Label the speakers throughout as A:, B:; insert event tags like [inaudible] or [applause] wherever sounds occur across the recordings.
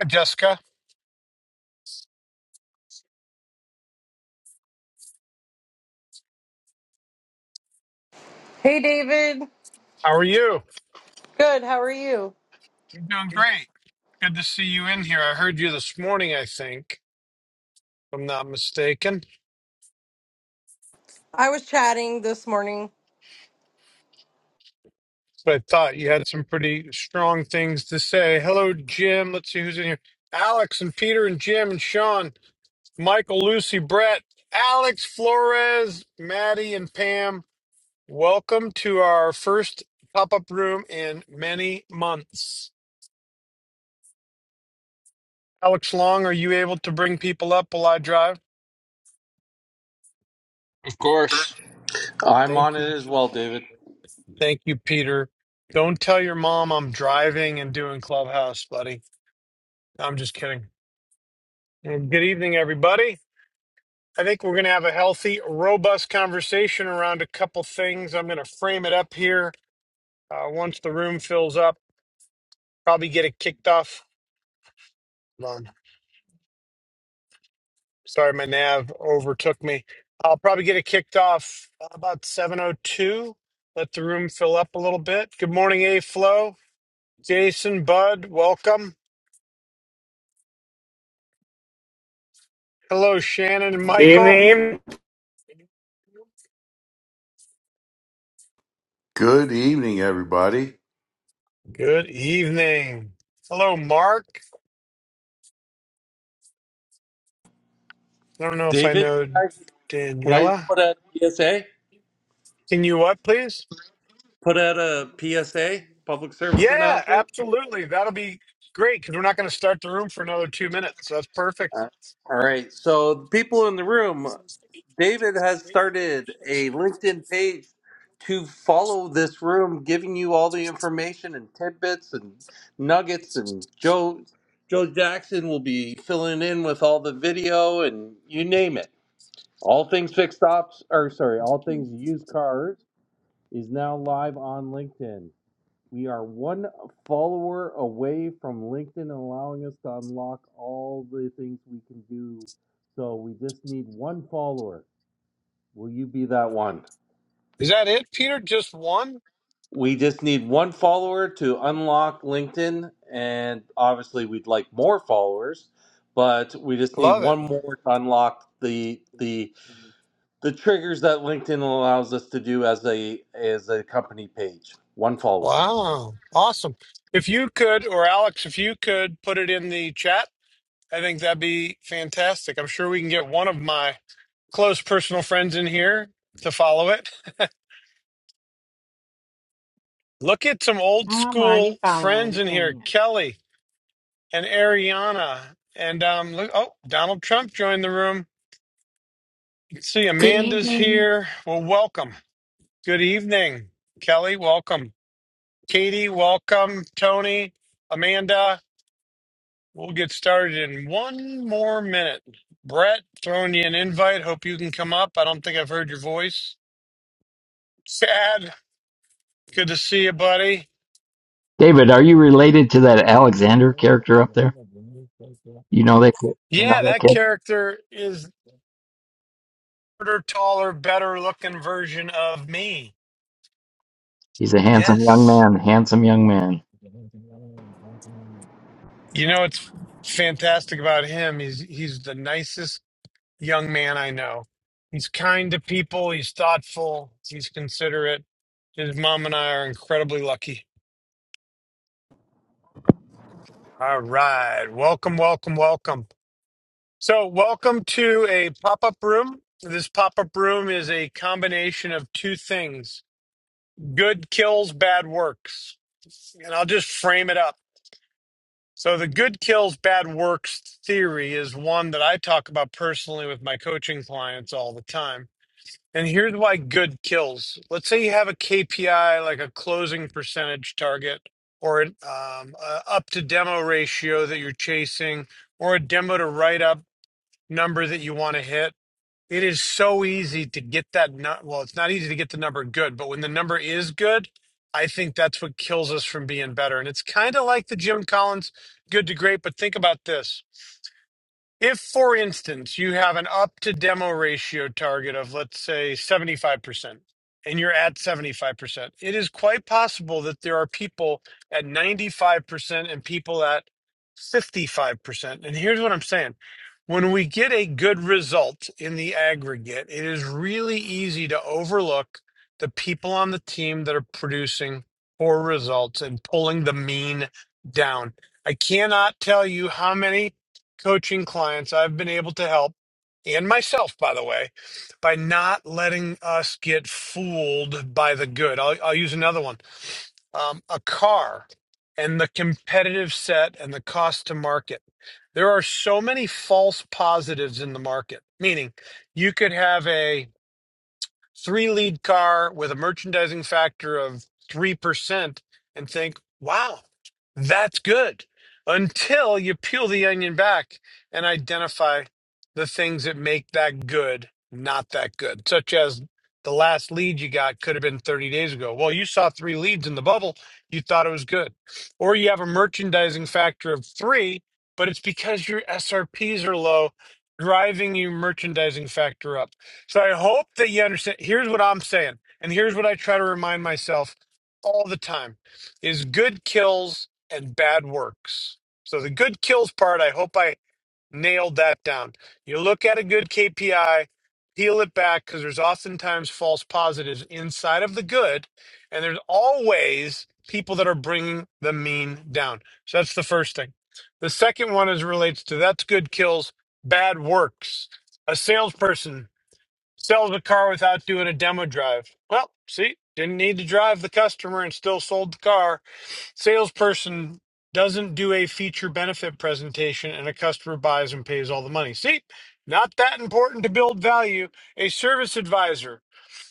A: Hi, Jessica.
B: Hey, David.
A: How are you?
B: Good. How are you?
A: I'm doing great. Good to see you in here. I heard you this morning, I think, if I'm not mistaken.
B: I was chatting this morning.
A: But I thought you had some pretty strong things to say. Hello, Jim. Let's see who's in here. Alex and Peter and Jim and Sean, Michael, Lucy, Brett, Alex, Flores, Maddie, and Pam. Welcome to our first pop up room in many months. Alex Long, are you able to bring people up while I drive?
C: Of course.
D: I'm on
A: Thank you.
D: it as well, David.
A: Thank you, Peter. Don't tell your mom I'm driving and doing clubhouse, buddy. I'm just kidding. Well, Good evening, everybody. I think we're going to have a healthy, robust conversation around a couple things. I'm going to frame it up here. Uh, once the room fills up, probably get it kicked off. Hold on. Sorry, my nav overtook me. I'll probably get it kicked off about 7:02. Let the room fill up a little bit. Good morning, A Flow, Jason, Bud, welcome. Hello, Shannon and Michael.
E: Evening.
F: Good evening, everybody.
A: Good evening. Hello, Mark. I don't know if I
D: David,
A: know
D: can I, can I
A: Daniela.
D: put out a PSA?
A: Can you what, please?
D: Put out a PSA, public service
A: Yeah,
D: announcement?
A: absolutely. That'll be great because we're not going to start the room for another two minutes. That's perfect.
D: Uh, All right. So, the people in the room, David has started a LinkedIn page to follow this room, giving you all the information and tidbits and nuggets. And Joe, Joe Jackson will be filling in with all the video and you name it. All things fixed ops, or sorry, all things used cars is now live on LinkedIn. We are one follower away from LinkedIn allowing us to unlock all the things we can do. So we just need one follower. Will you be that one?
A: Is that it, Peter? Just one?
D: We just need one follower to unlock LinkedIn. And obviously, we'd like more followers, but we just need
A: Love it.
D: one more to unlock the the the triggers that LinkedIn allows us to do as a as a company page. One follower.
A: Wow. Awesome. If you could, or Alex, if you could put it in the chat, I think that'd be fantastic. I'm sure we can get one of my close personal friends in here to follow it. [laughs] Look at some old
G: Oh, I'm
A: school
G: already
A: friends
G: following.
A: in here,
G: Dang it.
A: Kelly and Ariana. And um, look, oh, Donald Trump joined the room. You can see
H: Good
A: Amanda's
H: evening.
A: here. Well, welcome. Good evening, Kelly. Welcome. Katie, welcome. Tony, Amanda. We'll get started in one more minute. Brett, throwing you an invite. Hope you can come up. I don't think I've heard your voice. Sad. Good to see you, buddy.
I: David, are you related to that Alexander character up there? You know that kid. You know
A: Yeah,
I: that
A: that
I: kid.
A: character is shorter, taller, better looking version of me.
I: He's a handsome young
A: Yes.
I: man. Handsome young man.
A: You know what's fantastic about him He's he's the nicest young man I know. He's kind to people, he's thoughtful, he's considerate. His mom and I are incredibly lucky. All right. Welcome, welcome, welcome. So, welcome to a pop up room. This pop up room is a combination of two things good kills, bad works. And I'll just frame it up. So the good kills bad works theory is one that I talk about personally with my coaching clients all the time. And here's why good kills. Let's say you have a KPI like a closing percentage target or an um, a up to demo ratio that you're chasing or a demo to write up number that you want to hit it is so easy to get that nut. Well, it's not easy to get the number good, but when the number is good, I think that's what kills us from being better. And it's kind of like the Jim Collins good to great, but think about this. If, for instance, you have an up to demo ratio target of, let's say, 75%, and you're at 75%, it is quite possible that there are people at 95% and people at 55%. And here's what I'm saying when we get a good result in the aggregate, it is really easy to overlook the people on the team that are producing poor results and pulling the mean down. I cannot tell you how many coaching clients I've been able to help, and myself, by the way, by not letting us get fooled by the good. I'll, I'll use another one um, a car and the competitive set and the cost to market. There are so many false positives in the market, meaning you could have a three lead car with a merchandising factor of 3% and think, wow, that's good. Until you peel the onion back and identify the things that make that good not that good, such as the last lead you got could have been 30 days ago. Well, you saw three leads in the bubble, you thought it was good. Or you have a merchandising factor of three, but it's because your SRPs are low, driving your merchandising factor up. So I hope that you understand. Here's what I'm saying, and here's what I try to remind myself all the time is good kills and bad works. So the good kills part, I hope I nailed that down. You look at a good KPI, peel it back because there's oftentimes false positives inside of the good, and there's always people that are bringing the mean down. So that's the first thing. The second one is relates to that's good kills, bad works. A salesperson Sells a car without doing a demo drive. Well, see, didn't need to drive the customer and still sold the car. Salesperson doesn't do a feature benefit presentation and a customer buys and pays all the money. See, not that important to build value. A service advisor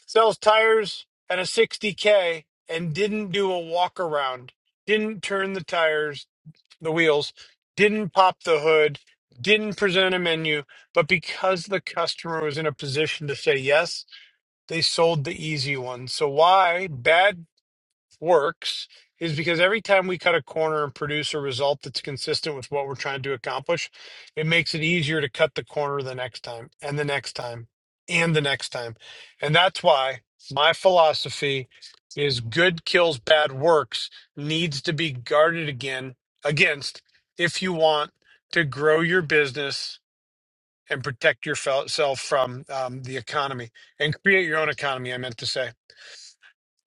A: sells tires at a 60K and didn't do a walk around, didn't turn the tires, the wheels, didn't pop the hood, didn't present a menu, but because the customer was in a position to say yes, they sold the easy one. So why bad works is because every time we cut a corner and produce a result that's consistent with what we're trying to accomplish, it makes it easier to cut the corner the next time and the next time and the next time. And that's why my philosophy is good kills bad works needs to be guarded again against if you want to grow your business and protect yourself from um, the economy and create your own economy. I meant to say.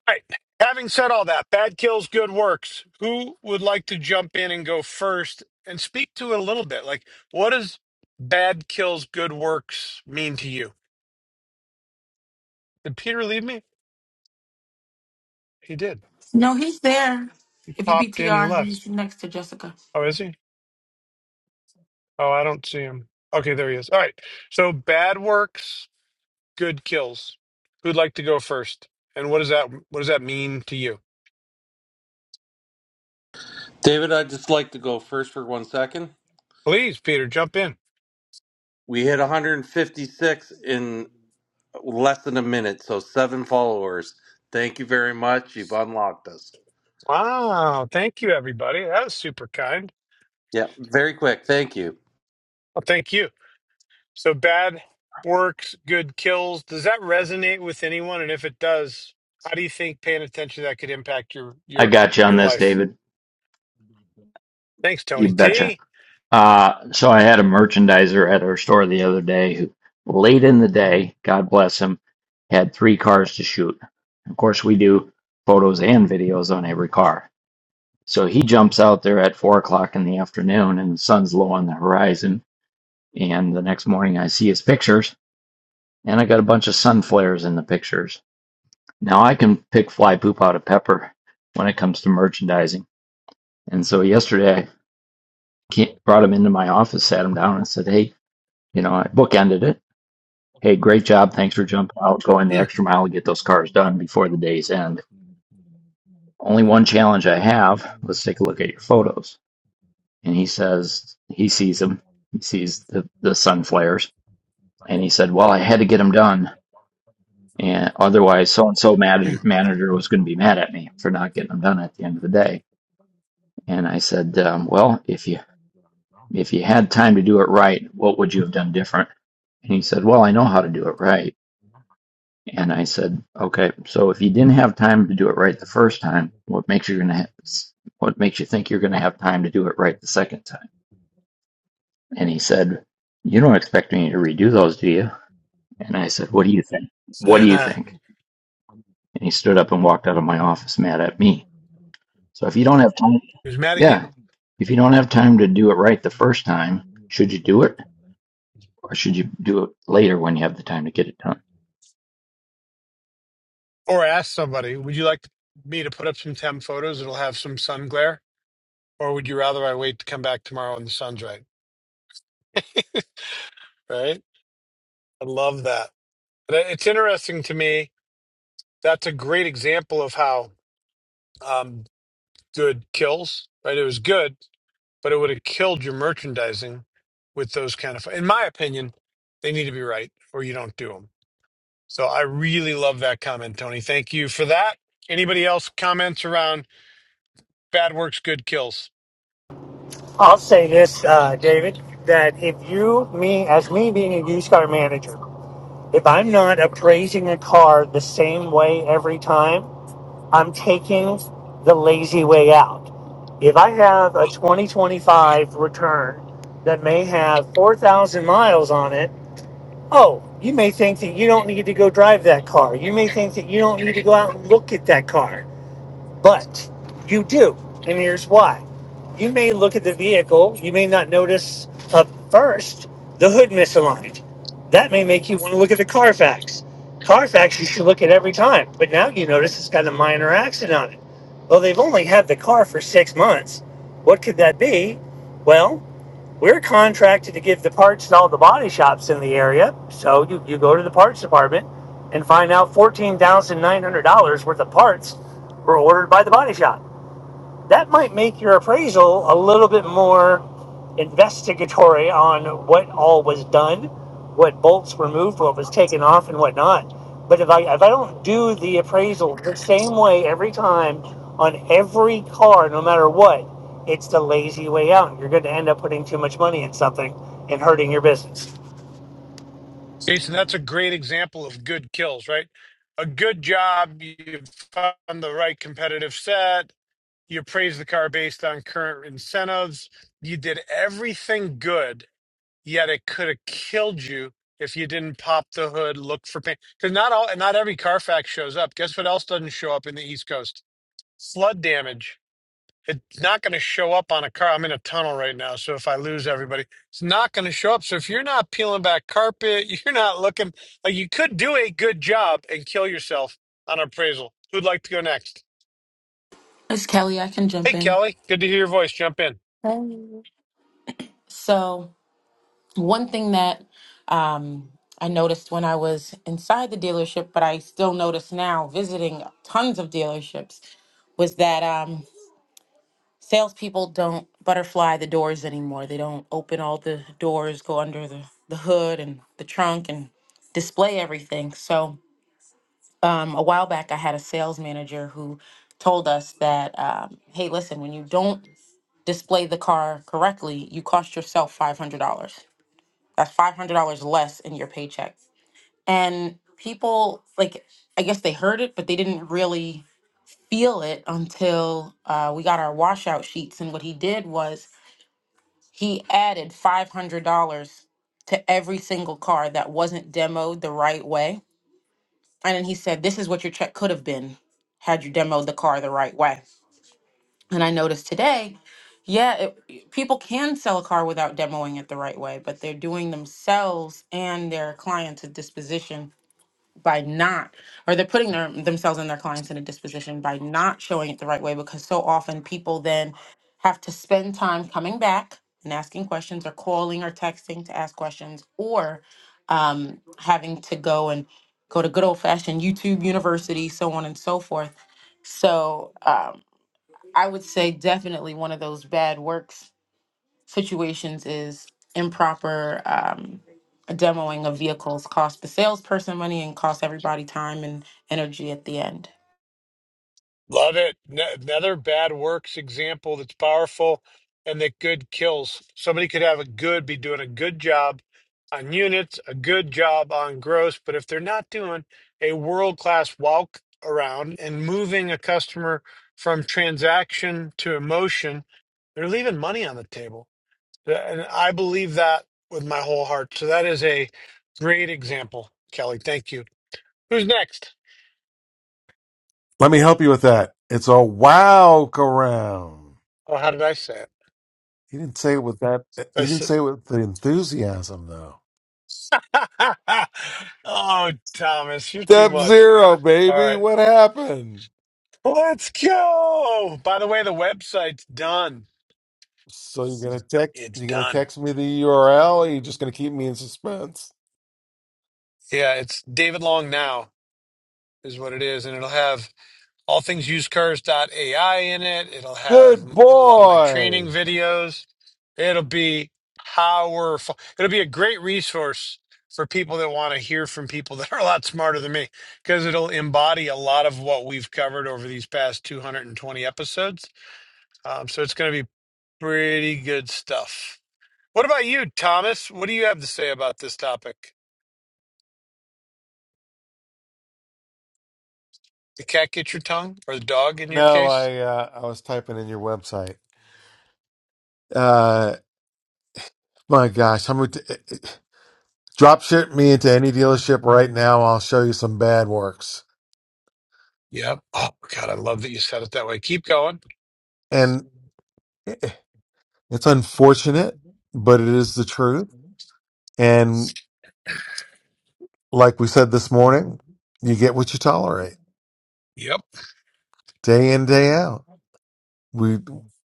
A: All right. Having said all that, bad kills, good works. Who would like to jump in and go first and speak to it a little bit? Like, what does bad kills, good works mean to you? Did Peter leave me? He did.
H: No, he's there.
A: He
H: If you
A: popped in and
H: PTR,
A: left.
H: he's next to Jessica.
A: Oh, is he? Oh, I don't see him. Okay, there he is. All right. So bad works, good kills. Who'd like to go first? And what does that what does that mean to you?
D: David, I'd just like to go first for one second.
A: Please, Peter, jump in.
D: We hit 156 in less than a minute, so seven followers. Thank you very much. You've unlocked us.
A: Wow. Thank you, everybody. That was super kind.
D: Yeah, very quick. Thank you.
A: Well, thank you. So bad works, good kills. Does that resonate with anyone? And if it does, how do you think paying attention to that could impact your
I: I
A: your
I: got you on
A: your
I: this,
A: life?
I: David.
A: Thanks,
I: You
A: Tony
I: betcha.
A: T.
I: Uh, so I had a merchandiser at our store the other day who, late in the day, God bless him, had three cars to shoot. Of course, we do photos and videos on every car. So he jumps out there at four o'clock in the afternoon, and the sun's low on the horizon. And the next morning, I see his pictures And I got a bunch of sun flares in the pictures. Now I can pick fly poop out of pepper when it comes to merchandising. And so yesterday I brought him into my office, sat him down, and said, Hey, you know, I bookended it. Hey, great job. Thanks for jumping out, going the
A: Mm,
I: extra mile to get those cars done before the day's end. Only one challenge I have. Let's take a look at your photos. And he says, He sees them. He sees the, the sun flares. And he said, Well, I had to get them done And otherwise, so and so
A: mm.
I: manager was going to be mad at me for not getting them done at the end of the day. And I said, um, "Well, if you if you had time to do it right, what would you have done different?" And he said, "Well, I know how to do it right." And I said, "Okay, so if you didn't have time to do it right the first time, what makes you gonna ha- what makes you think you're gonna have time to do it right the second time?" And he said, "You don't expect me to redo those, do you?" And I said, "What do you think? What do you
A: Uh-huh.
I: think?"
A: He
I: And he stood up and walked out of my office mad at me. So if you don't have time,
A: was [laughs] mad at
I: yeah,
A: you.
I: if you don't have time to do it right the first time, should you do it or should you do it later when you have the time to get it done?
A: Or ask somebody, would you like me to put up some temp photos that'll have some sun glare? Or would you rather I wait to come back tomorrow when the sun's right? Right? I love that. But It's interesting to me. That's a great example of how um, good kills, right? It was good, but it would have killed your merchandising with those kind of. In my opinion, they need to be right, or you don't do them. So I really love that comment, Tony. Thank you for that. Anybody else comments around bad works, good kills?
E: I'll say this, uh, David, that if you, me, as me being a used car manager, if I'm not appraising a car the same way every time, I'm taking the lazy way out. If I have a 2025 return that may have 4,000 miles on it, oh, you may think that you don't need to go drive that car. You may think that you don't need to go out and look at that car but you do. And here's why. You may look at the vehicle, you may not notice up first the hood misaligned. That may make you want to look at the Carfax. Carfax you should look at every time, but now you notice it's got a minor accident on it. Well, they've only had the car for six months. What could that be? Well, we're contracted to give the parts to all the body shops in the area. So you, you go to the parts department and find out $14,900 worth of parts were ordered by the body shop that might make your appraisal a little bit more investigatory on what all was done, what bolts were moved, what was taken off, and whatnot. But if I if I don't do the appraisal the same way every time on every car, no matter what, it's the lazy way out. You're going to end up putting too much money in something and hurting your business.
A: Jason, that's a great example of good kills, right? A good job, you found the right competitive set, You appraised the car based on current incentives. You did everything good, yet it could have killed you if you didn't pop the hood, look for paint. Because not all, not every Carfax shows up. Guess what else doesn't show up in the East Coast? Flood damage. It's not going to show up on a car. I'm in a tunnel right now, so if I lose everybody, it's not going to show up. So if you're not peeling back carpet, [laughs] you're not looking like you could do a good job and kill yourself on appraisal. Who'd like to go next?
H: It's Kelly. I can jump
A: Hey,
H: in.
A: Kelly, good to hear your voice. Jump in.
H: Hey. So, one thing that um, I noticed when I was inside the dealership, but I still notice now visiting tons of dealerships, was that um, salespeople don't butterfly the doors anymore. They don't open all the doors, go under the, the hood and the trunk, and display everything. So, um, a while back, I had a sales manager who told us that, um, hey, listen, when you don't display the car correctly, you cost yourself $500. That's $500 less in your paycheck. And people, like, I guess they heard it, but they didn't really feel it until uh, we got our washout sheets. And what he did was he added $500 to every single car that wasn't demoed the right way And then he said, This is what your check could have been had you demoed the car the right way. And I noticed today, yeah, it, people can sell a car without demoing it the right way, but they're doing themselves and their clients a disposition by not or they're putting their, themselves and their clients in a disposition by not showing it the right way because so often people then have to spend time coming back and asking questions or calling or texting to ask questions or um, having to go and go to good old fashioned youtube university so on and so forth so um, i would say definitely one of those bad works situations is improper um, demoing of vehicles costs the salesperson money and costs everybody time and energy at the end.
A: Love it. N- another bad works example that's powerful and that good kills. Somebody could have a good, be doing a good job on units, a good job on gross, but if they're not doing a world class walk around and moving a customer from transaction to emotion, they're leaving money on the table. And I believe that with my whole heart. So that is a great example, Kelly. Thank you. Who's next?
J: Let me help you with that. It's a walk around.
A: Oh, how did I say it?
J: He didn't say it with that.
A: I
J: He
A: said.
J: didn't say it with the enthusiasm though.
A: [laughs] oh, Thomas, you're too
J: Step
A: much.
J: zero,
A: All
J: baby.
A: right,
J: What happened?
A: let's go. By the way, the website's done.
J: So you're gonna text?
A: It's
J: You're gonna
A: done.
J: text me the URL? Or you're just gonna keep me in suspense?
A: Yeah, it's David Long now is what it is, and it'll have all things usedcars.ai in it. It'll have
J: Good
A: a lot of my training
J: boy.
A: videos. It'll be powerful. It'll be a great resource for people that want to hear from people that are a lot smarter than me because it'll embody a lot of what we've covered over these past 220 episodes Um, so it's going to be pretty good stuff. What about you, Thomas? What do you have to say about this topic? The cat get your tongue, or the dog in your
J: No,
A: case?
J: I uh, I was typing in your website. Uh, my gosh, how many? Drop ship me into any dealership right now. I'll show you some bad works
A: Yep. Oh God, I love that you said it that way. Keep going.
J: and. eh, It's unfortunate, but it is the truth. And like we said this morning, you get what you tolerate
A: Yep.
J: day in, day out. We,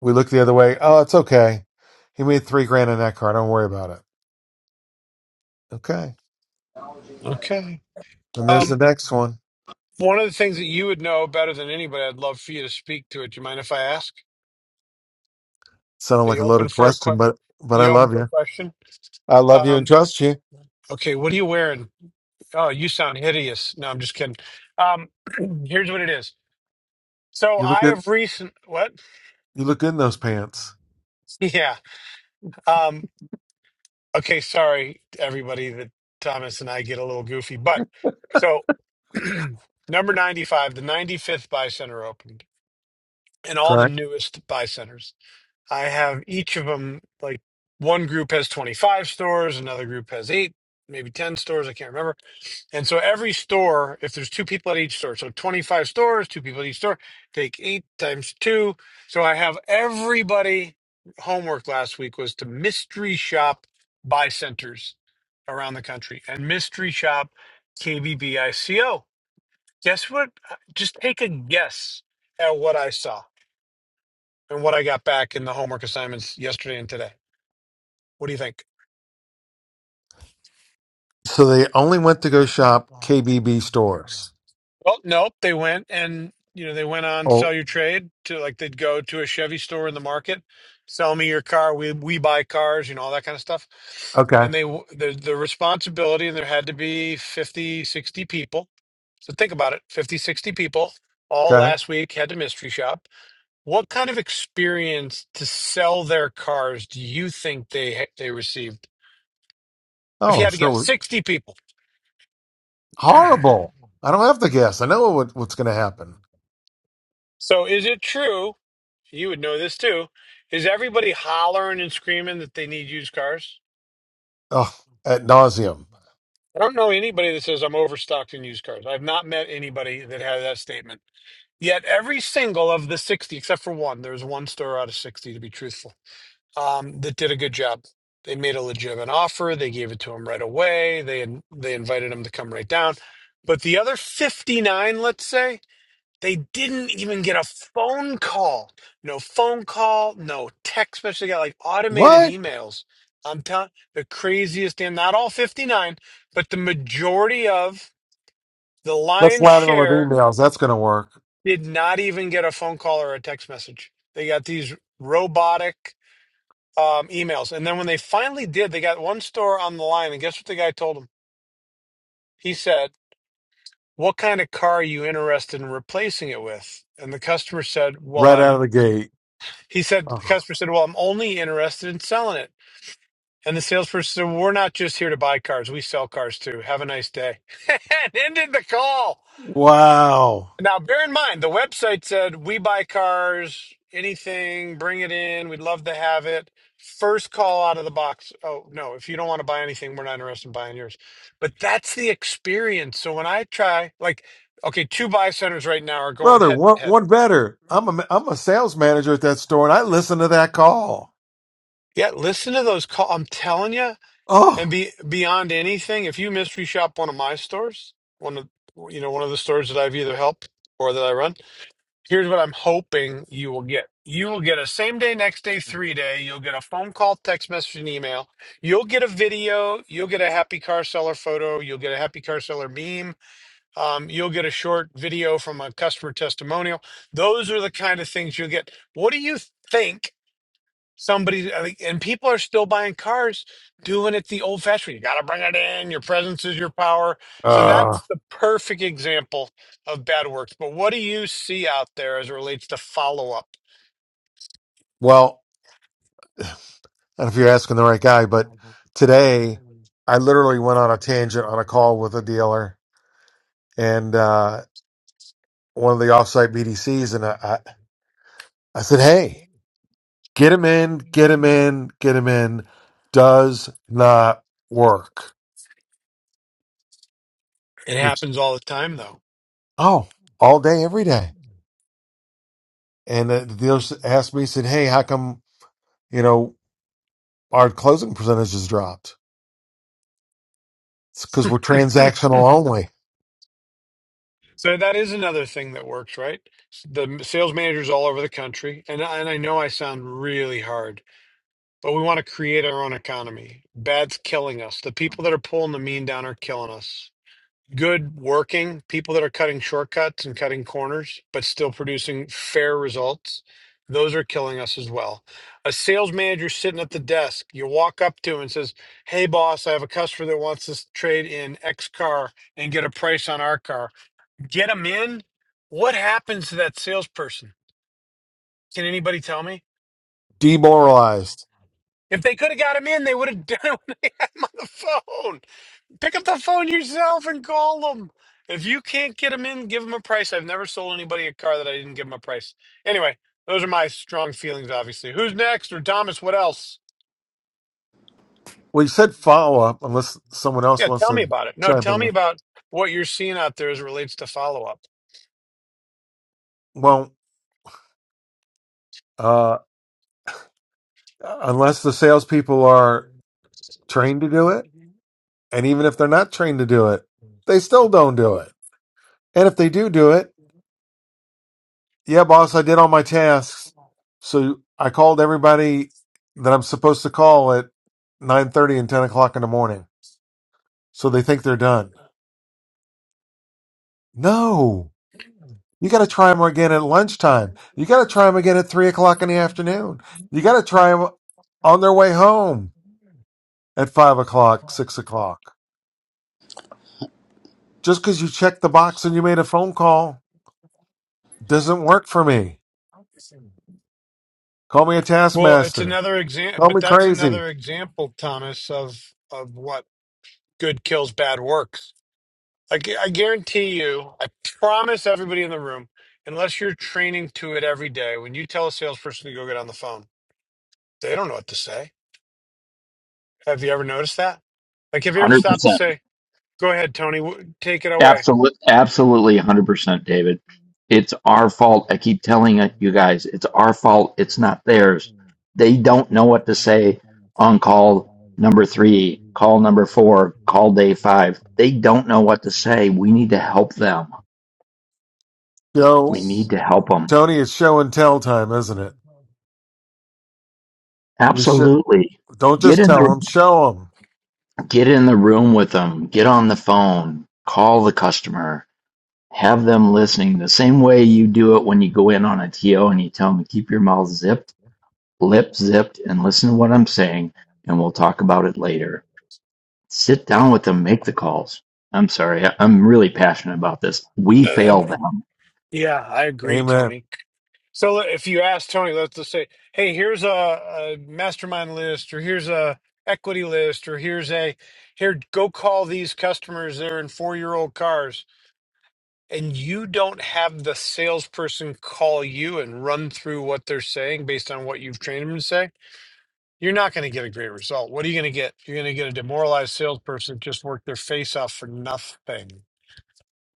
J: we look the other way. Oh, it's okay. He made three grand in that car. Don't worry about it. Okay.
A: Okay.
J: And there's the
A: Um,
J: next one.
A: one of the things that you would know better than anybody, I'd love for you to speak to it. Do you mind if I ask?
J: Sounded
A: Are
J: like
A: you
J: a
A: open
J: loaded
A: for a
J: question,
A: que-
J: but, but I
A: You open
J: love
A: for a
J: you.
A: question?
J: I love you and
A: Um,
J: trust you.
A: okay. What are you wearing? Oh, you sound hideous. No, I'm just kidding. Um, [clears throat] here's what it is. So
J: You look
A: I
J: good.
A: have recent. What?
J: You look good in those pants.
A: [laughs] Yeah. Um, okay, sorry everybody that Thomas and I get a little goofy, but so [clears throat] number 95, the 95th buy center opened and all the
J: Correct.
A: newest buy centers. I have each of them like one group has 25 stores, another group has 8, maybe 10 stores, I can't remember. And so every store, if there's two people at each store, so 25 stores, two people at each store, take eight times two. So I have everybody homework last week was to mystery shop buy centers around the country and mystery shop KBBICO. Guess what? Just take a guess at what I saw and what I got back in the homework assignments yesterday and today. What do you think?
J: So they only went to go shop KBB stores.
A: Well, nope. They went and you know they went on
J: Oh,
A: sell your trade to like they'd go to a Chevy store in the market, sell me your car. We we buy cars, you know all that kind of stuff.
J: okay.
A: And they w- the the responsibility and there had to be 50 60 people. So think about it, 50 60 people all
J: Okay.
A: last week had to mystery shop. What kind of experience to sell their cars do you think they ha- they received? If you
J: Oh,
A: had to guess,
J: sure.
A: 60 people.
J: Horrible. I don't have to guess. I know what, what's going to happen.
A: So is it true? You would know this too. Is everybody hollering and screaming that they need used cars?
J: Ugh, at nauseum.
A: I don't know anybody that says I'm overstocked in used cars. I've not met anybody that had that statement. Yet every single of the 60, except for one, there was one store out of 60 to be truthful, um, that did a good job. They made a legitimate offer. They gave it to him right away. They they invited him to come right down. But the other 59, let's say, They didn't even get a phone call. No phone call, no text message. They got like automated
J: What?
A: emails. I'm telling the craziest damn, not all 59, but the majority of the
J: Let's
A: lion's
J: line them with
A: share
J: emails. That's going to work
A: did not even get a phone call or a text message. They got these robotic um, emails. And then when they finally did, they got one store on the line. And guess what the guy told him? He said, What kind of car are you interested in replacing it with? And the customer said, Well,
J: right out
A: I'm
J: of the gate.
A: He said, the
J: Ugh.
A: customer said, Well, I'm only interested in selling it. And the salesperson said, We're not just here to buy cars. We sell cars too. Have a nice day. [laughs] and ended the call.
J: Wow,
A: Now, bear in mind, the website said, We buy cars, anything, bring it in. We'd love to have it. First call out of the box. Oh, no, if you don't want to buy anything, we're not interested in buying yours. But that's the experience. So when I try, like, okay, two buy centers right now are going
J: brother,
A: head
J: one,
A: to head.
J: one better. I'm a I'm a sales manager at that store, and I listen to that call.
A: Yeah, listen to those calls. I'm telling you. And
J: Oh,
A: be beyond anything, if you mystery shop one of my stores, one of you know one of the stores that I've either helped or that I run, here's what I'm hoping you will get. You will get a same day, next day, three day. You'll get a phone call, text message, and email. You'll get a video. You'll get a happy car seller photo. You'll get a happy car seller meme. Um, you'll get a short video from a customer testimonial. Those are the kind of things you'll get. What do you think? somebody I think- and people are still buying cars doing it the old fashioned way. you got to bring it in your presence is your power so
J: uh,
A: that's the perfect example of bad works but what do you see out there as it relates to follow up
J: well, I don't know if you're asking the right guy, but today I literally went on a tangent on a call with a dealer and uh, one of the offsite BDCs, and I I, I said, hey. Get him in, get him in, get him in does not work.
A: it
J: It's,
A: happens all the time though
J: oh, all day, every day. And uh, the dealer s- asked me, said, hey, how come, you know, our closing percentage has dropped? It's because we're
A: [laughs]
J: transactional only.
A: so that is another thing that works right the sales managers all over the country and and I know I sound really hard but we want to create our own economy bad's killing us the people that are pulling the mean down are killing us good working people that are cutting shortcuts and cutting corners, but still producing fair results. Those are killing us as well. A sales manager sitting at the desk, you walk up to and says, "Hey, boss, I have a customer that wants to trade in X car and get a price on our car. Get them in." What happens to that salesperson? Can anybody tell me?
J: Demoralized.
A: If they could have got him in, they would have [laughs] done it when they had him on the phone. Pick up the phone yourself and call them. If you can't get them in, give them a price. I've never sold anybody a car that I didn't give them a price. Anyway, those are my strong feelings, obviously. Who's next? Or Thomas, what else?
J: Well, you said follow up unless someone else
A: Yeah,
J: wants
A: tell me
J: to
A: about it. No,
J: chime
A: tell me
J: in.
A: about what you're seeing out there as it relates to follow up.
J: Well, uh, unless the salespeople are trained to do it. And even if they're not trained to do it, they still don't do it. And if they do do it, yeah, boss, I did all my tasks. So I called everybody that I'm supposed to call at 9.30 and 10 o'clock in the morning. So they think they're done. No, you got to try them again at lunchtime. You got to try them again at 3 o'clock in the afternoon. You got to try them on their way home at 5 o'clock, 6 o'clock. Just because you checked the box and you made a phone call doesn't work for me. Call me a
A: Well, it's
J: taskmaster.
A: another example,
J: Call me
A: but that's
J: crazy.
A: another example, Thomas, of of what good kills bad work. I, gu- I guarantee you, I promise everybody in the room, unless you're training to it every day, when you tell a salesperson to go get on the phone, they don't know what to say. Have you ever noticed that? Like, have you ever
I: 100%.
A: stopped to say, go ahead, Tony, w- take it away?
I: Absolutely, absolutely 100%, David. It's our fault. I keep telling it, you guys, it's our fault. It's not theirs. They don't know what to say on call number three, call number four, call day five. They don't know what to say. We need to help them. We
J: Yo,
I: need to help them.
J: Tony, it's show and tell time, isn't it? We sh-
I: Absolutely.
J: Don't
I: Get
J: just
I: in the
J: tell them, show them.
I: Get in the room with them, get on the phone, call the customer, have them listening the same way you do it when you go in on a TO and you tell them keep your mouth zipped, lip zipped, and listen to what I'm saying, and we'll talk about it later. Sit down with them, make the calls. I'm sorry, I'm really passionate about this. We
A: Uh,
I: fail
A: And
I: them.
A: yeah, I agree,
J: Amen.
A: Tony. So le- if you ask Tony, let's just say, hey, here's a, a mastermind list, or here's a equity list, or here's a, here, go call these customers. They're in four year old cars and you don't have the salesperson call you and run through what they're saying based on what you've trained them to say, you're not going to get a great result. What are you going to get? You're going to get a demoralized salesperson that just worked their face off for nothing.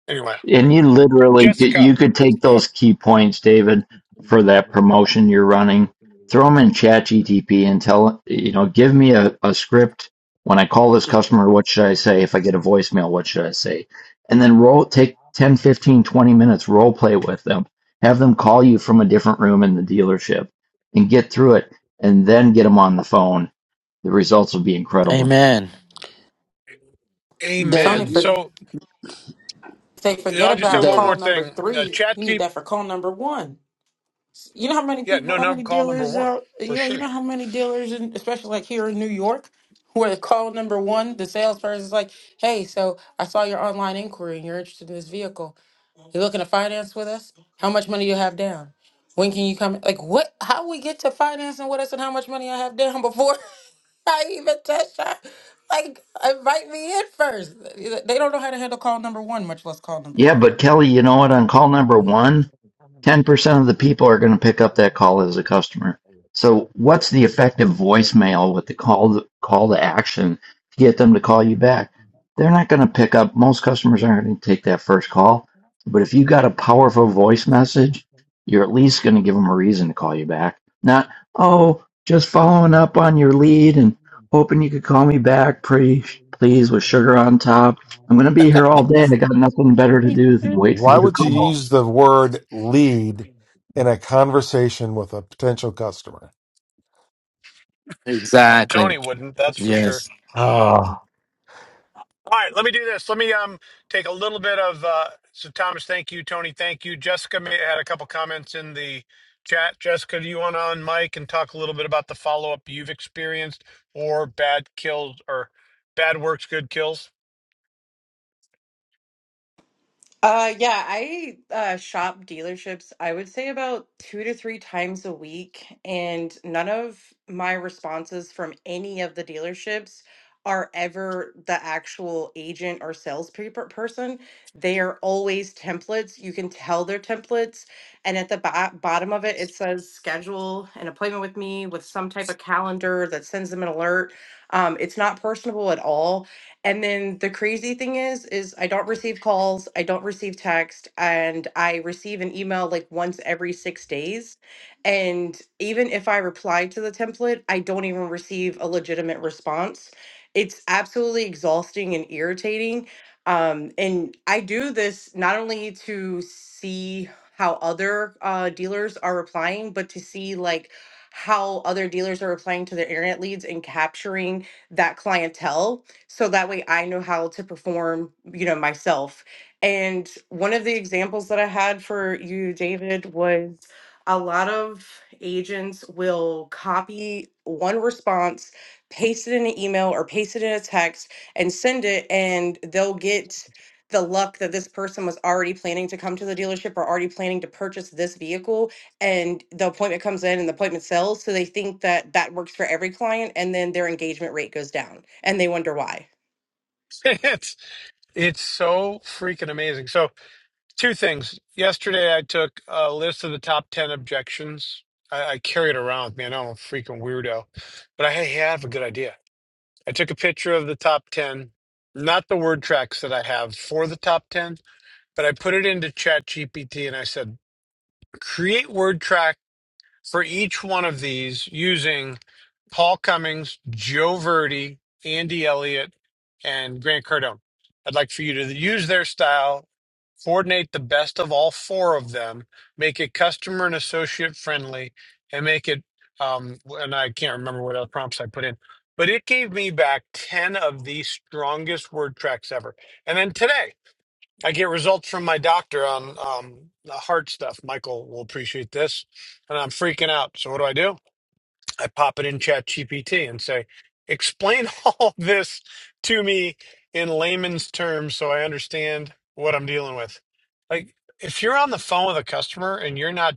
A: Anyway,
I: And you literally could,
A: Jessica.
I: you could take
A: go
I: those
A: ahead.
I: key points, David, for that promotion you're running, throw them in ChatGTP and tell, you know, give me a, a script. When I call this customer, what should I say? If I get a voicemail, what should I say? And then roll, take 10, 15, 20 minutes, role play with them. Have them call you from a different room in the dealership and get through it and then get them on the phone. The results will be incredible.
K: Amen.
H: Tony,
L: David,
A: Amen.
H: for,
L: you-
A: So
H: say
A: yeah,
H: forget
A: I'll just say
H: about
A: one
H: call
A: more
L: David,
H: number
A: thing. Uh,
H: three.
A: chat
H: You need
A: keep.
H: that for call number one. You know how many
A: Yeah,
H: people,
A: no,
H: how
A: no,
H: many
A: call number
H: dealers?
A: one
H: Uh,
A: for
H: yeah, you
A: sure.
H: know how many dealers, in, especially like here in New York, where call number one, the salesperson is like, "Hey, so I saw your online inquiry and you're interested in this vehicle. You looking to finance with us? How much money you have down? When can you come? Like what? How we get to financing with us and how much money I have down before [laughs] I even touch that? Like invite me in first. They don't know how to handle call number one, much less call number
I: Yeah,
H: three.
I: but Kelly, you know what? On call number one, 10% of the people are going to pick up that call as a customer. So what's the effective voicemail with the call call to action to get them to call you back? They're not going to pick up. Most customers aren't going to take that first call. But if you got a powerful voice message, you're at least going to give them a reason to call you back. Not, oh, just following up on your lead and hoping you could call me back, pretty please, with sugar on top. I'm going to be here all day. I got nothing better to do than wait for
J: Why
I: you to
J: would you
I: call.
J: use the word lead in a conversation with a potential customer?
K: Exactly.
A: Tony wouldn't, that's for sure.
K: Yes.
J: Oh,
A: All right, let me do this. Let me um take a little bit of uh so Thomas, thank you, Tony, thank you. Jessica may, had a couple comments in the chat. Jessica, do you want to on mic and talk a little bit about the follow up you've experienced or bad kills or bad works, good kills?
B: Uh, yeah, I uh, shop dealerships, I would say about two to three times a week, and none of my responses from any of the dealerships are ever the actual agent or sales person. They are always templates. You can tell they're templates, and at the bo- bottom of it, it says schedule an appointment with me with some type of calendar that sends them an alert. Um, it's not personable at all and then the crazy thing is, is I don't receive calls, I don't receive text, and I receive an email like once every six days. And even if I reply to the template, I don't even receive a legitimate response. It's absolutely exhausting and irritating. Um, and I do this not only to see how other uh, dealers are replying, but to see like how other dealers are replying to their internet leads and capturing that clientele so that way I know how to perform, you know, myself. And one of the examples that I had for you, David, was a lot of agents will copy one response, paste it in an email or paste it in a text and send it, and they'll get the luck that this person was already planning to come to the dealership or already planning to purchase this vehicle and the appointment comes in and the appointment sells so they think that that works for every client and then their engagement rate goes down and they wonder why
A: [laughs] it's it's so freaking amazing. So two things. Yesterday I took a list of the top ten objections. I, I carry it around with me. I know I'm a freaking weirdo, but I have a good idea. I took a picture of the top 10, not the word tracks that I have for the top 10, but I put it into Chat GPT and I said, create word track for each one of these using Paul Cummings, Joe Verdi, Andy Elliott, and Grant Cardone. I'd like for you to use their style coordinate the best of all four of them, make it customer and associate friendly, and make it. Um, and I can't remember what other prompts I put in, but it gave me back 10 of the strongest word tracks ever. And then today, I get results from my doctor on um, the heart stuff. Michael will appreciate this. And I'm freaking out. So, what do I do? I pop it in Chat GPT and say, explain [laughs] all this to me in layman's terms so I understand what I'm dealing with. Like, if you're on the phone with a customer and you're not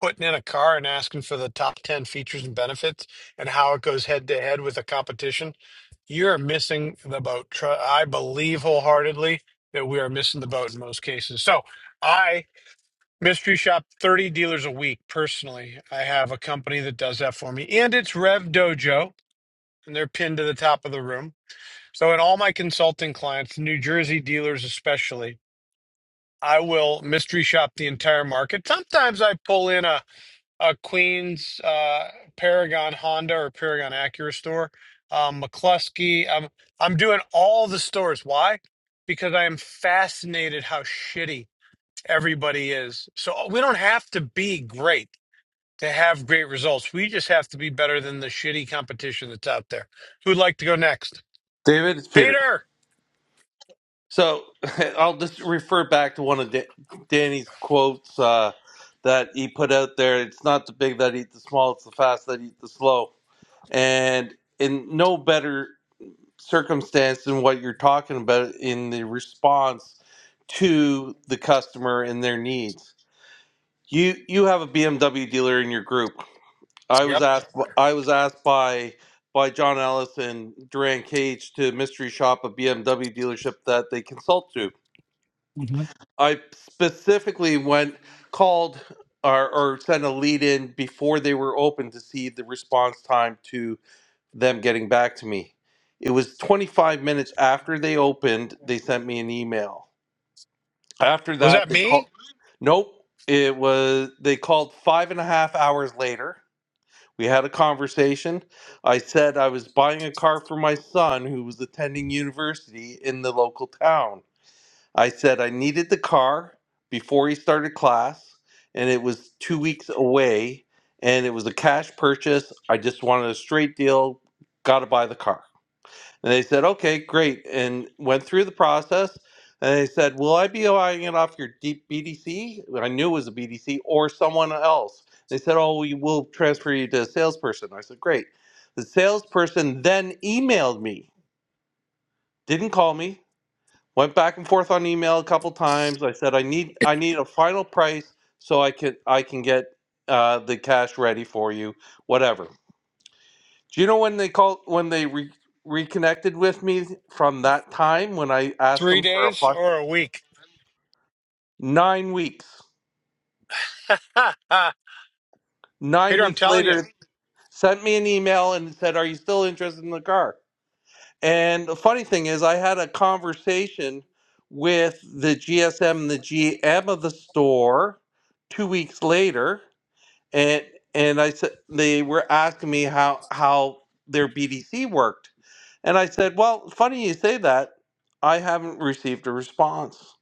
A: putting in a car and asking for the top 10 features and benefits and how it goes head to head with the competition, you're missing the boat. Tru- I believe wholeheartedly that we are missing the boat in most cases. So, I Mystery shop 30 dealers a week personally. I have a company that does that for me, and it's Rev Dojo, and they're pinned to the top of the room. So, in all my consulting clients, New Jersey dealers especially, I will mystery shop the entire market. Sometimes I pull in a, a Queens uh, Paragon Honda or Paragon Acura store, um, McCluskey. I'm, I'm doing all the stores. Why? Because I am fascinated how shitty everybody is. So, we don't have to be great to have great results. We just have to be better than the shitty competition that's out there. Who'd like to go next?
D: David, it's Peter.
A: Peter.
D: So [laughs] I'll just refer back to one of Da- Danny's quotes uh, that he put out there. It's not the big that eat the small, it's the fast that eat the slow. And in no better circumstance and what you're talking about in the response to the customer and their needs. You you have a BMW dealer in your group. I was
A: Yep.
D: asked I was asked by by John Ellis and Duran Cage to mystery shop a BMW dealership that they consult to. I specifically went called or, or sent a lead in before they were open to see the response time to them getting back to me. It was 25 minutes after they opened, they sent me an email. After
A: Was
D: that,
A: that
D: they called.
A: me?
D: Nope. It was, they called five and a half hours later. We had a conversation. I said I was buying a car for my son who was attending university in the local town. I said I needed the car before he started class, and it was two weeks away, and it was a cash purchase. I just wanted a straight deal. Got to buy the car. And they said, okay, great. And went through the process. And they said, will I be buying it off your deep BDC? I knew it was a BDC or someone else. They said, oh, we will transfer you to a salesperson. I said, great. The salesperson then emailed me, didn't call me, went back and forth on email a couple times. I said, I need, I need a final price so I can, I can get uh, the cash ready for you, whatever. Do you know when they called when they re- reconnected with me from that time when I asked
A: Three
D: them for a
A: days
D: fun?
A: or a week?
D: Nine weeks.
A: [laughs]
D: Nine
A: Peter, I'm
D: weeks
A: telling you.
D: later, sent me an email and said, "Are you still interested in the car?" And the funny thing is, I had a conversation with the GSM, the GM of the store, two weeks later, and and I said they were asking me how how their BDC worked, and I said, well, funny you say that. I haven't received a response,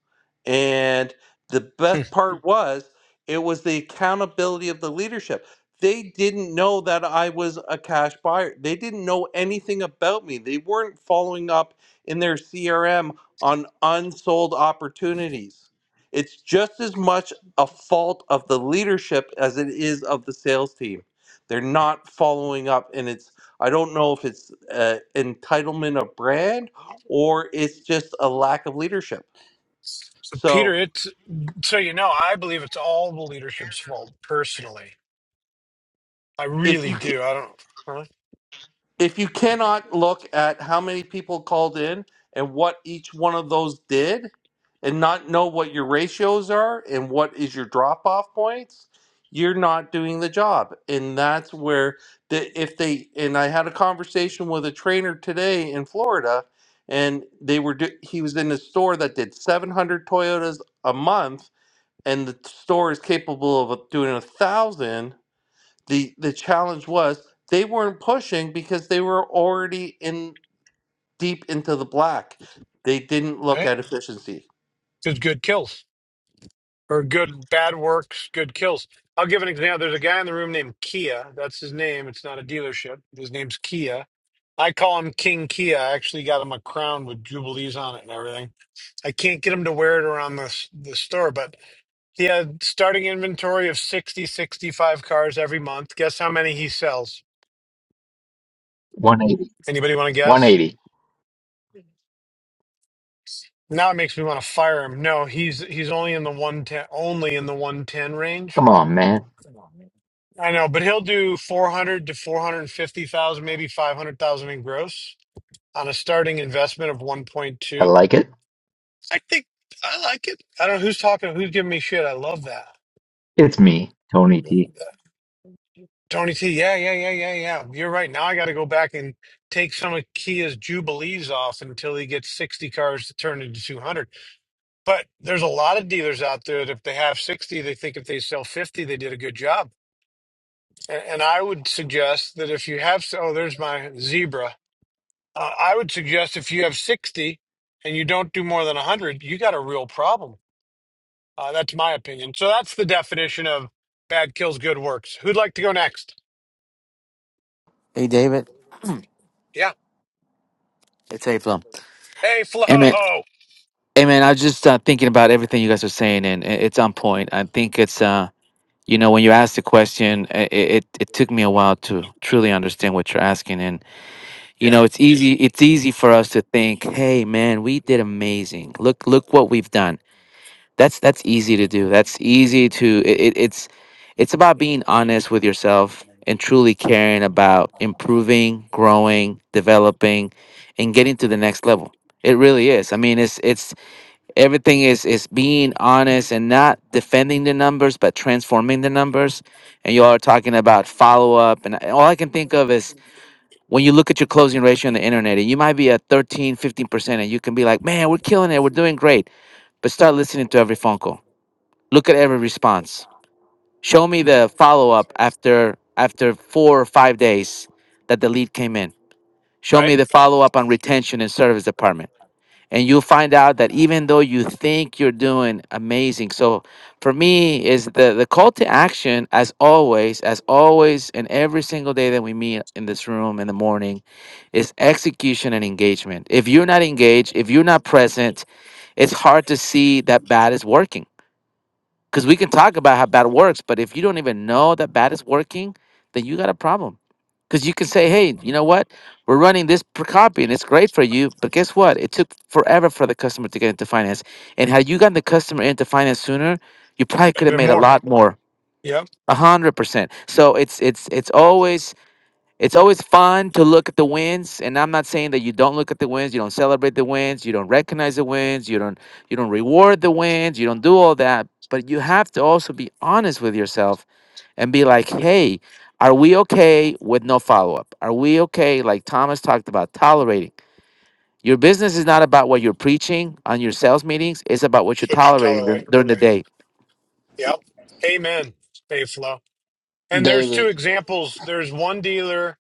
D: and the best part Mm. was it was the accountability of the leadership. They didn't know that I was a cash buyer. They didn't know anything about me. They weren't following up in their CRM on unsold opportunities. It's just as much a fault of the leadership as it is of the sales team. They're not following up, and it's I don't know if it's uh, entitlement of brand or it's just a lack of leadership.
A: So, Peter,
D: So
A: it's so you know, I believe it's all the leadership's fault personally. I
D: if
A: really
D: you
A: do. I don't, really?
D: if you cannot look at how many people called in and what each one of those did and not know what your ratios are and what is your drop off points you're not doing the job and that's where the if they and i had a conversation with a trainer today in florida and they were do, he was in a store that did 700 toyotas a month and the store is capable of doing a thousand the the challenge was they weren't pushing because they were already in deep into the black. They didn't look
A: right?
D: at efficiency.
A: Good. good kills. or good bad works, good kills. I'll give an example. There's a guy in the room named Kia. That's his name. It's not a dealership. His name's Kia. I call him King Kia. I actually got him a crown with jubilees on it and everything. I can't get him to wear it around the s- the store, but he had starting inventory of 60, 65 cars every month. Guess how many he sells?
I: 1 eight.
A: Anybody want to guess?
I: 180.
A: Now it makes me want to fire him. No, he's he's only in the 110 only in the 110 range
I: Come on, man.
A: I know, but he'll do 400 to 450,000, maybe 500,000 in gross on a starting investment of
I: I
A: 1.2.
I: like it.
A: I think I like it. I don't know who's talking, who's giving me shit. I love that.
I: It's me, Tony
A: Th-
I: T.
A: th- Tony T, yeah, yeah, yeah, yeah, yeah. You're right. Now I got to go back and take some of Kia's Jubilees off until he gets 60 cars to turn into 200. But there's a lot of dealers out there that if they have 60, they think if they sell 50, they did a good job. And, and I would suggest that if you have, so oh, there's my zebra. Uh, I would suggest if you have 60 and you don't do more than 100, you got a real problem. Uh, that's my opinion. So that's the definition of bad kills, good works. Who'd like to go next?
K: Hey, David.
A: Yeah.
K: It's April.
A: Hey, [laughs] Flo.
K: Amen. Amen. I was just uh, thinking about everything you guys are saying, and i- it's on point. I think it's, uh, you know, when you asked the question, i- i- it, it took me a while to truly understand what you're asking. And, you
A: Yeah.
K: know, it's easy. It's easy for us to think, hey, man, we did amazing. Look, look what we've done. That's that's easy to do. That's easy to it, it, it's it's about being honest with yourself and truly caring about improving, growing, developing and getting to the next level. It really is. I mean, it's it's everything is is being honest and not defending the numbers but transforming the numbers. And you all are talking about follow up and all I can think of is when you look at your closing ratio on the internet and you might be at thirteen, fifteen percent and you can be like, "Man, we're killing it. We're doing great." But start listening to every phone call Look at every response. Show me the follow up after after four or five days that the lead came in. Show
A: Right?
K: me the follow up on retention and service department. And you'll find out that even though you think you're doing amazing, so for me is the, the call to action as always, as always, and every single day that we meet in this room in the morning is execution and engagement. If you're not engaged, if you're not present, it's hard to see that bad is working because we can talk about how bad works, but if you don't even know that bad is working, then you got a problem. Because you can say, hey, you know what? We're running this per copy and it's great for you. But guess what? It took forever for the customer to get into finance. And had you gotten the customer into finance sooner, you probably could
A: There's
K: have
A: been
K: made a
A: more.
K: lot more.
A: Yep.
K: A hundred percent. So it's it's it's always it's always fun to look at the wins, and I'm not saying that you don't look at the wins, you don't celebrate the wins, you don't recognize the wins, you don't you don't reward the wins, you don't do all that, but you have to also be honest with yourself and be like, "Hey, are we okay with no follow-up? Are we okay like Thomas talked about tolerating? Your business is not about what you're preaching on your sales meetings, it's about what
A: That's
K: you're
A: what you
K: tolerating
A: tolerate.
K: during, during the day."
A: Yep. Amen. Hey, Flo. And there's two
L: David,
A: examples. There's one dealer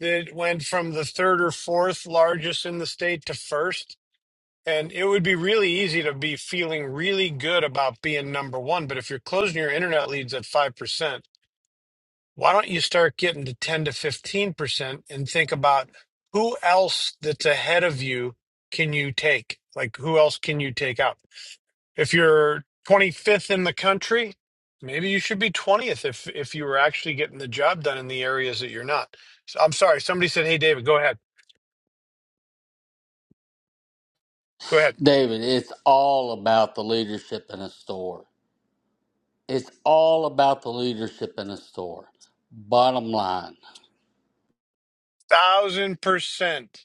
A: that went from the third or fourth largest in the state to first And it would be really easy to be feeling really good about being number one. But if you're closing your internet leads at 5%, why don't you start getting to 10 to 15% and think about who else that's ahead of you can you take? Like, who else can you take out? If you're 25th in the country, maybe you should be 20th if, if you were actually getting the job done in the areas that you're not. So, I'm sorry. Somebody said, Hey, David, go ahead. Go ahead.
L: David, it's all about the leadership in a store. It's all about the leadership in a store. Bottom line,
A: Thousand percent.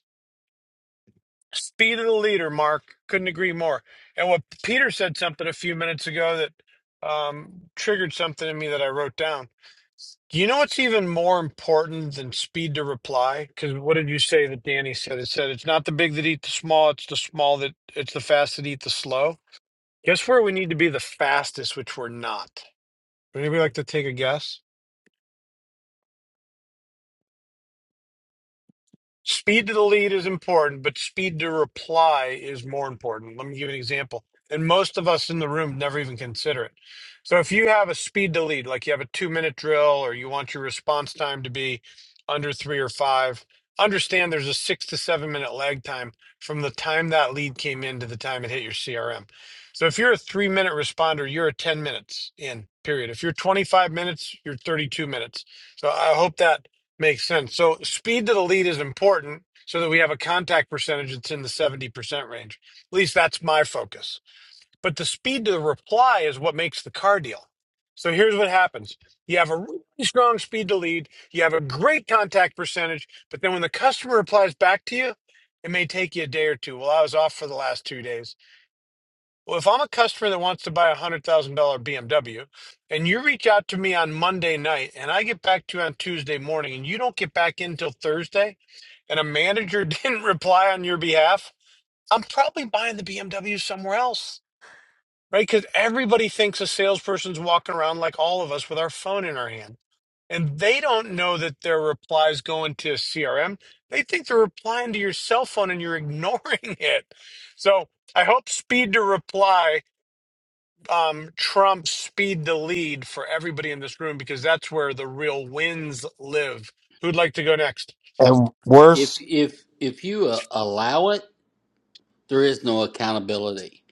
A: Speed of the leader, Mark. Couldn't agree more. And what Peter said something a few minutes ago that um, triggered something in me that I wrote down. Do you know what's even more important than speed to reply? Because what did you say that Danny said? It said it's not the big that eat the small, it's the small that it's the fast that eat the slow. Guess where we need to be the fastest, which we're not. Would anybody like to take a guess? Speed to the lead is important, but speed to reply is more important. Let me give you an example. And most of us in the room never even consider it. So if you have a speed to lead, like you have a two minute drill or you want your response time to be under three or five, understand there's a six to seven minute lag time from the time that lead came in to the time it hit your CRM. So if you're a three minute responder, you're a 10 minutes in, period. If you're 25 minutes, you're 32 minutes. So I hope that Makes sense. So speed to the lead is important so that we have a contact percentage that's in the 70% range. At least that's my focus. But the speed to the reply is what makes the car deal. So here's what happens. You have a really strong speed to lead, you have a great contact percentage, but then when the customer replies back to you, it may take you a day or two. Well, I was off for the last two days. Well, if I'm a customer that wants to buy a hundred thousand dollar BMW, and you reach out to me on Monday night, and I get back to you on Tuesday morning, and you don't get back in till Thursday, and a manager [laughs] didn't reply on your behalf, I'm probably buying the BMW somewhere else, right? Because everybody thinks a salesperson's walking around like all of us with our phone in our hand, and they don't know that their replies go into a CRM. They think they're replying to your cell phone, and you're ignoring [laughs] it. So I hope speed to reply um, Trump speed the lead for everybody in this room because that's where the real wins live. Who'd like to go next?
J: And
L: if
J: worse,
L: if if you uh, allow it, there is no accountability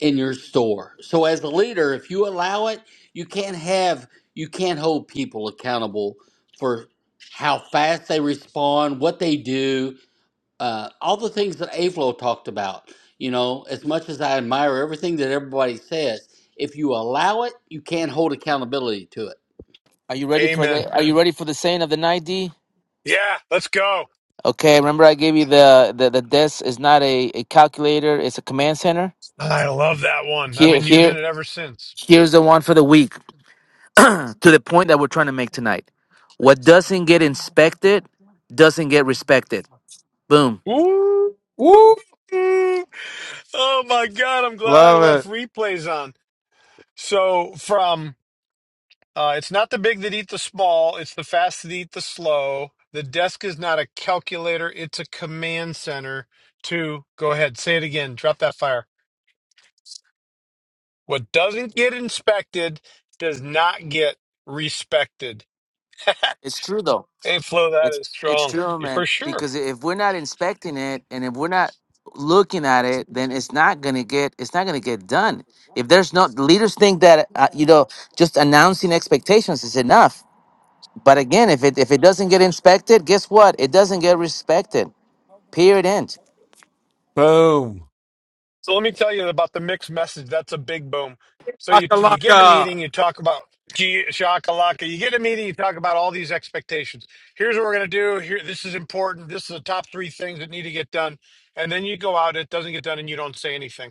L: in your store. So as a leader, if you allow it, you can't have you can't hold people accountable for how fast they respond, what they do, uh, all the things that Avlo talked about. You know, as much as I admire everything that everybody says, if you allow it, you can't hold accountability to it.
K: Are you ready for the
A: Amen.
K: Are you ready for the saying of the night, D?
A: Yeah, let's go.
K: Okay, remember I gave you the the, the desk is not a, a calculator, it's a command center.
A: I love that one. I've
K: Here
A: been using
K: here
A: it ever since.
K: here's the one for the week [clears throat] to the point that we're trying to make tonight. What doesn't get inspected doesn't get respected. Boom.
A: Ooh.
J: woo,
A: Oh my God, I'm glad I
J: love
A: left
J: it.
A: replays on. So, from uh, it's not the big that eat the small, it's the fast that eat the slow. The desk is not a calculator, it's a command center. To go ahead, say it again, drop that fire. What doesn't get inspected does not get respected. [laughs]
K: It's true though.
A: Hey, Flo, that
K: It's
A: is
K: it's
A: strong
K: true,
A: Yeah, for
K: man.
A: sure.
K: Because if we're not inspecting it and if we're not looking at it, then it's not gonna get it's not gonna get done. If there's no the leaders think that uh, you know just announcing expectations is enough But again, if it if it doesn't get inspected, guess what? It doesn't get respected. Period. End.
J: Boom.
A: So let me tell you about the mixed message. That's a big boom. So you
M: Laka
A: you get in a
M: laka.
A: meeting, you talk about gee shakalaka. You get in a meeting, you talk about all these expectations. Here's what we're gonna do. Here, this is important. This is the top three things that need to get done. And then you go out, it doesn't get done, and you don't say anything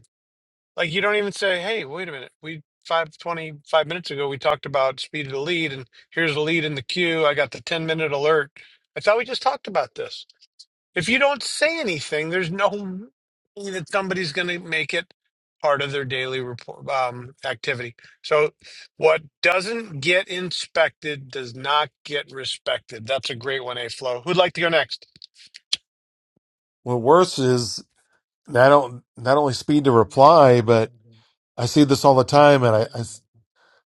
A: Like you don't even say, "Hey, wait a minute. We five twenty five minutes ago we talked about speed of the lead, and here's the lead in the queue. I got the ten minute alert. I thought we just talked about this." If you don't say anything, there's no way that somebody's going to make it part of their daily report um, activity. So, what doesn't get inspected does not get respected. That's a great one, A Flow. Who'd like to go next?
J: Well, worse is not, on- not only speed to reply, but I see this all the time and I, I, s-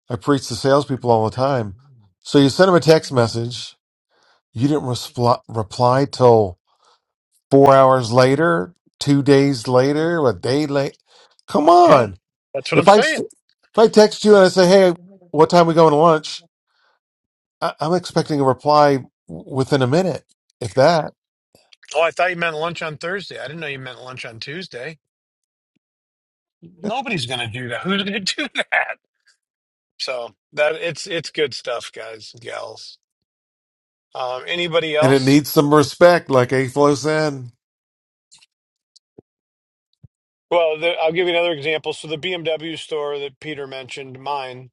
J: I preach to salespeople all the time. So you send them a text message. You didn't respl- reply till four hours later, two days later, a day late. Come
A: Yeah,
J: on.
A: that's what I'm
J: If I s- if
A: saying.
J: I text you and I say, "Hey, what time we going to lunch?" I, I'm expecting a reply w- within a minute, if that.
A: Oh, I thought you meant lunch on Thursday. I didn't know you meant lunch on Tuesday. Nobody's going to do that. Who's going to [laughs] do that? So that it's it's good stuff, guys and gals. Um, anybody
J: And it
A: else?
J: needs some respect, like A Flo said.
A: Well, the, I'll give you another example. So the BMW store that Peter mentioned, mine,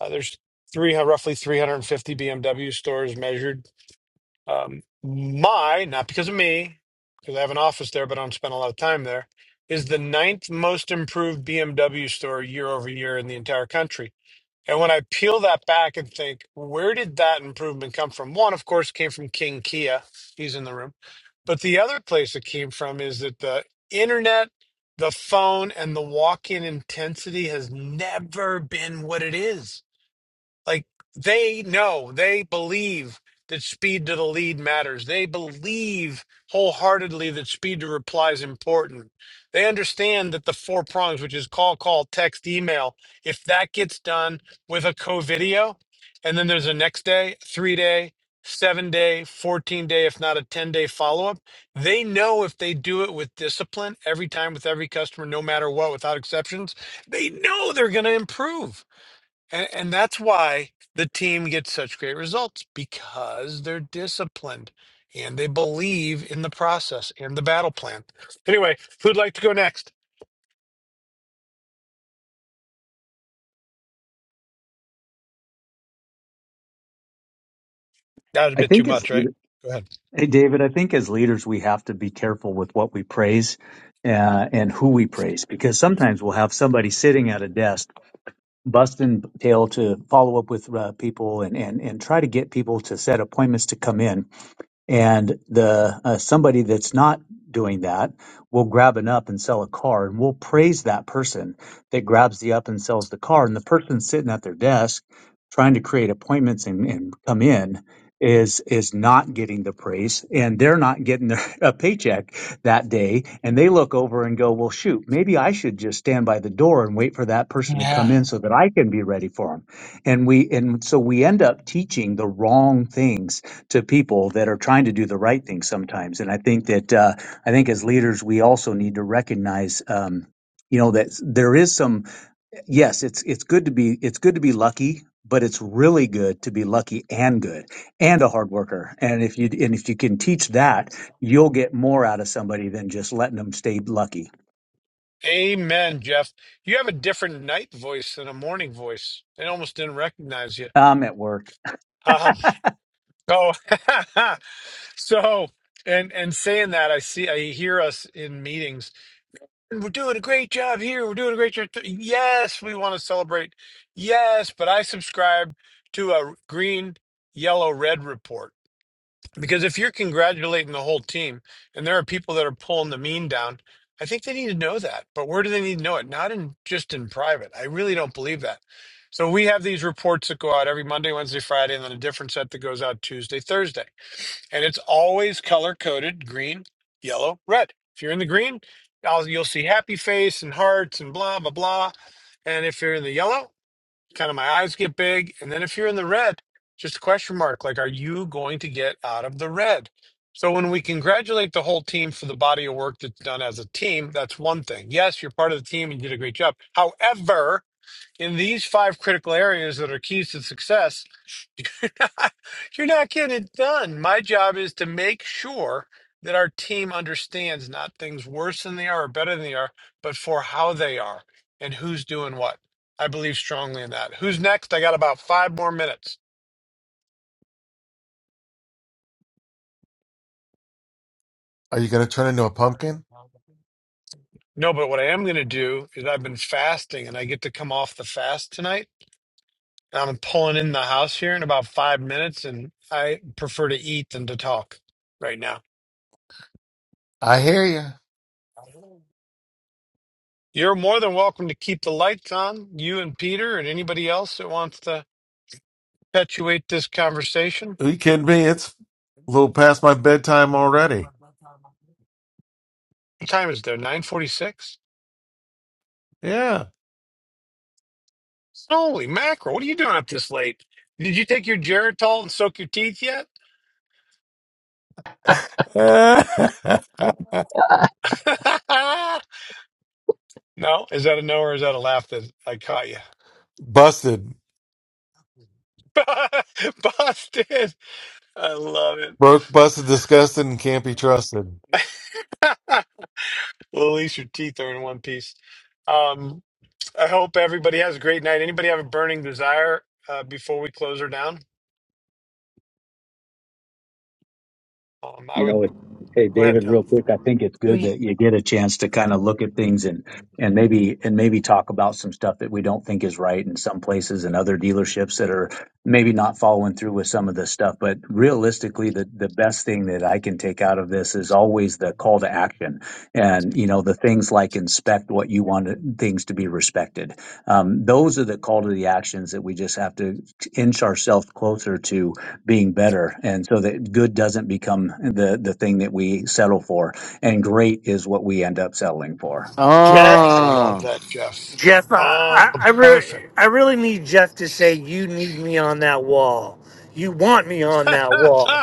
A: uh, there's three uh, roughly 350 BMW stores measured. Um, my, not because of me, because I have an office there, but I don't spend a lot of time there, is the ninth most improved BMW store year over year in the entire country. And when I peel that back and think, where did that improvement come from? One, of course, came from King Kia. He's in the room. But the other place it came from is that the internet, the phone, and the walk in intensity has never been what it is like they know, they believe that speed to the lead matters. They believe wholeheartedly that speed to reply is important. They understand that the four prongs, which is call, call, text, email, if that gets done with a co video, and then there's a next day, three day, seven day, 14 day, if not a 10 day follow up, they know if they do it with discipline every time with every customer, no matter what, without exceptions, they know they're going to improve and, and that's why the team gets such great results because they're disciplined and they believe in the process and the battle plan. Anyway, who'd like to go next? That was a
N: I
A: bit too
N: think as
A: much, right? Go ahead.
N: hey David, I think as leaders we have to be careful with what we praise uh, and who we praise because sometimes we'll have somebody sitting at a desk busting tail to follow up with uh, people and and and try to get people to set appointments to come in and the uh, somebody that's not doing that will grab an up and sell a car and we'll praise that person that grabs the up and sells the car and the person sitting at their desk trying to create appointments and, and come in is is not getting the praise and they're not getting their, [laughs] a paycheck that day and they look over and go well shoot maybe i should just stand by the door and wait for that person to come in so that i can be ready for them and we and so we end up teaching the wrong things to people that are trying to do the right thing sometimes. And I think that uh, I think as leaders, we also need to recognize, um, you know, that there is some. Yes, it's it's good to be it's good to be lucky. But it's really good to be lucky and good and a hard worker. And if you and if you can teach that, you'll get more out of somebody than just letting them stay lucky.
A: Amen, Jeff. You have a different night voice than a morning voice. I almost didn't recognize you.
N: I'm at work
A: Um, oh, [laughs] so and and saying that, I see, I hear us in meetings we're doing a great job here. We're doing a great job. th- Yes, we want to celebrate. Yes, but I subscribe to a green, yellow, red report. Because if you're congratulating the whole team and there are people that are pulling the mean down, I think they need to know that. But where do they need to know it? Not in just in private. I really don't believe that. So we have these reports that go out every Monday, Wednesday, Friday, and then a different set that goes out Tuesday, Thursday. And it's always color coded green, yellow, red. If you're in the green, I'll, you'll see happy face and hearts and blah, blah, blah. And if you're in the yellow, kind of my eyes get big. And then if you're in the red, just a question mark like, are you going to get out of the red? So when we congratulate the whole team for the body of work that's done as a team, that's one thing. Yes, you're part of the team and you did a great job. However, in these five critical areas that are keys to success, [laughs] You're not you're not getting it done. My job is to make sure that our team understands not things worse than they are or better than they are, but for how they are and who's doing what. I believe strongly in that. Who's next? I got about five more minutes.
J: Are you going to turn into a pumpkin?
A: No, but what I am going to do is I've been fasting and I get to come off the fast tonight. And I'm pulling in the house here in about five minutes, and I prefer to eat than to talk right now.
J: I hear you.
A: You're more than welcome to keep the lights on, you and Peter and anybody else that wants to perpetuate this conversation.
J: Are you kidding me? It's a little past my bedtime already.
A: What time is there? 946?
J: Yeah.
A: Holy mackerel, what are you doing up this late? Did you take your Geritol and soak your teeth yet?
J: [laughs]
A: [laughs] no? Is that a no or is that a laugh that I caught you?
J: Busted.
A: [laughs] Boston! I love it.
J: Broke, busted, disgusted, and can't be trusted.
A: [laughs] well, at least your teeth are in one piece. Um, I hope everybody has a great night. Anybody have a burning desire uh, before we close her down? Um, I
N: You
A: would
N: know, it, hey
A: go ahead,
N: David,
A: Dale,
N: real quick, I think it's good
G: Wait.
A: please.
N: that you get a chance to kind of look at things and and maybe and maybe talk about some stuff that we don't think is right in some places and other dealerships that are maybe not following through with some of this stuff. But realistically, the the best thing that I can take out of this is always the call to action, and you know the things like inspect what you want to- things to be respected. Um, those are the call to the actions that we just have to inch ourselves closer to being better. And so that good doesn't become the, the thing that we settle for. And great is what we end up settling for.
E: Jeff,
A: I love
K: Oh,
A: that, Jeff.
E: Jeff, I,
A: Oh,
E: I, re-
A: perfect.
E: I really need Jeff to say you need me on that wall. You want me on that
A: [laughs]
E: wall.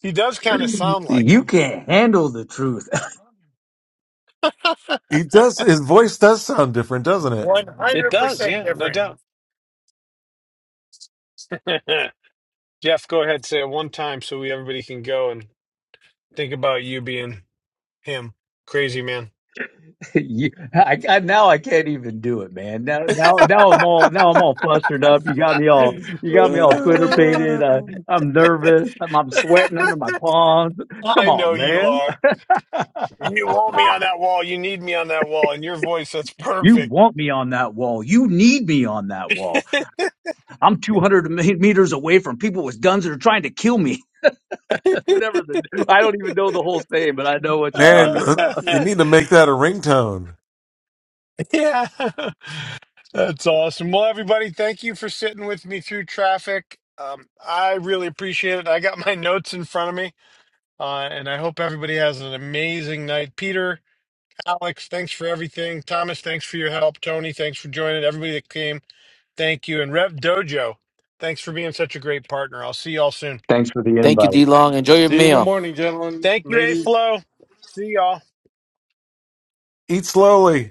A: he does kind of sound like
N: You
A: him.
N: can't handle the truth.
A: [laughs]
J: He does. His voice does sound different, doesn't it?
A: It does,
E: 100%
A: yeah, no
E: different.
A: doubt. [laughs] Jeff, go ahead, say it one time so we everybody can go and think about you being him. Crazy man.
N: [laughs] you, I, I, now I can't even do it, man. Now, now, now I'm all, now I'm all flustered up. You got me all,
A: [laughs]
N: you got me
A: Little-
N: all Twitter
J: [sighs]
N: pated. Uh, I'm nervous. I'm, I'm sweating under my palms. Come
A: I
N: on,
A: know you
N: man.
A: are. You want me on that wall. You need me on that wall. And your voice, that's
N: You
A: perfect.
N: want me on that wall. You need me on that wall. I'm 200 meters away from people with guns that are trying to kill me. whatever the I don't even know the whole thing, but I know
J: Uh,
N: what you're
J: Man,
N: talking about.
A: [laughs]
J: you need to make that a ringtone.
A: Yeah. [laughs] That's awesome. Well, everybody, thank you for sitting with me through traffic. Um, I really appreciate it. I got my notes in front of me, uh, and I hope everybody has an amazing night. Peter, Alex, thanks for everything. Thomas, thanks for your help. Tony, thanks for joining. Everybody that came, thank you. And Rev Dojo, thanks for being such a great partner. I'll see y'all soon.
N: Thanks for the
K: thank you,
N: invite.
K: D Long. Enjoy your
D: See you in the
K: meal.
D: morning, gentlemen,
A: Thank you, A
D: ladies.
A: Flow. See y'all.
J: Eat slowly.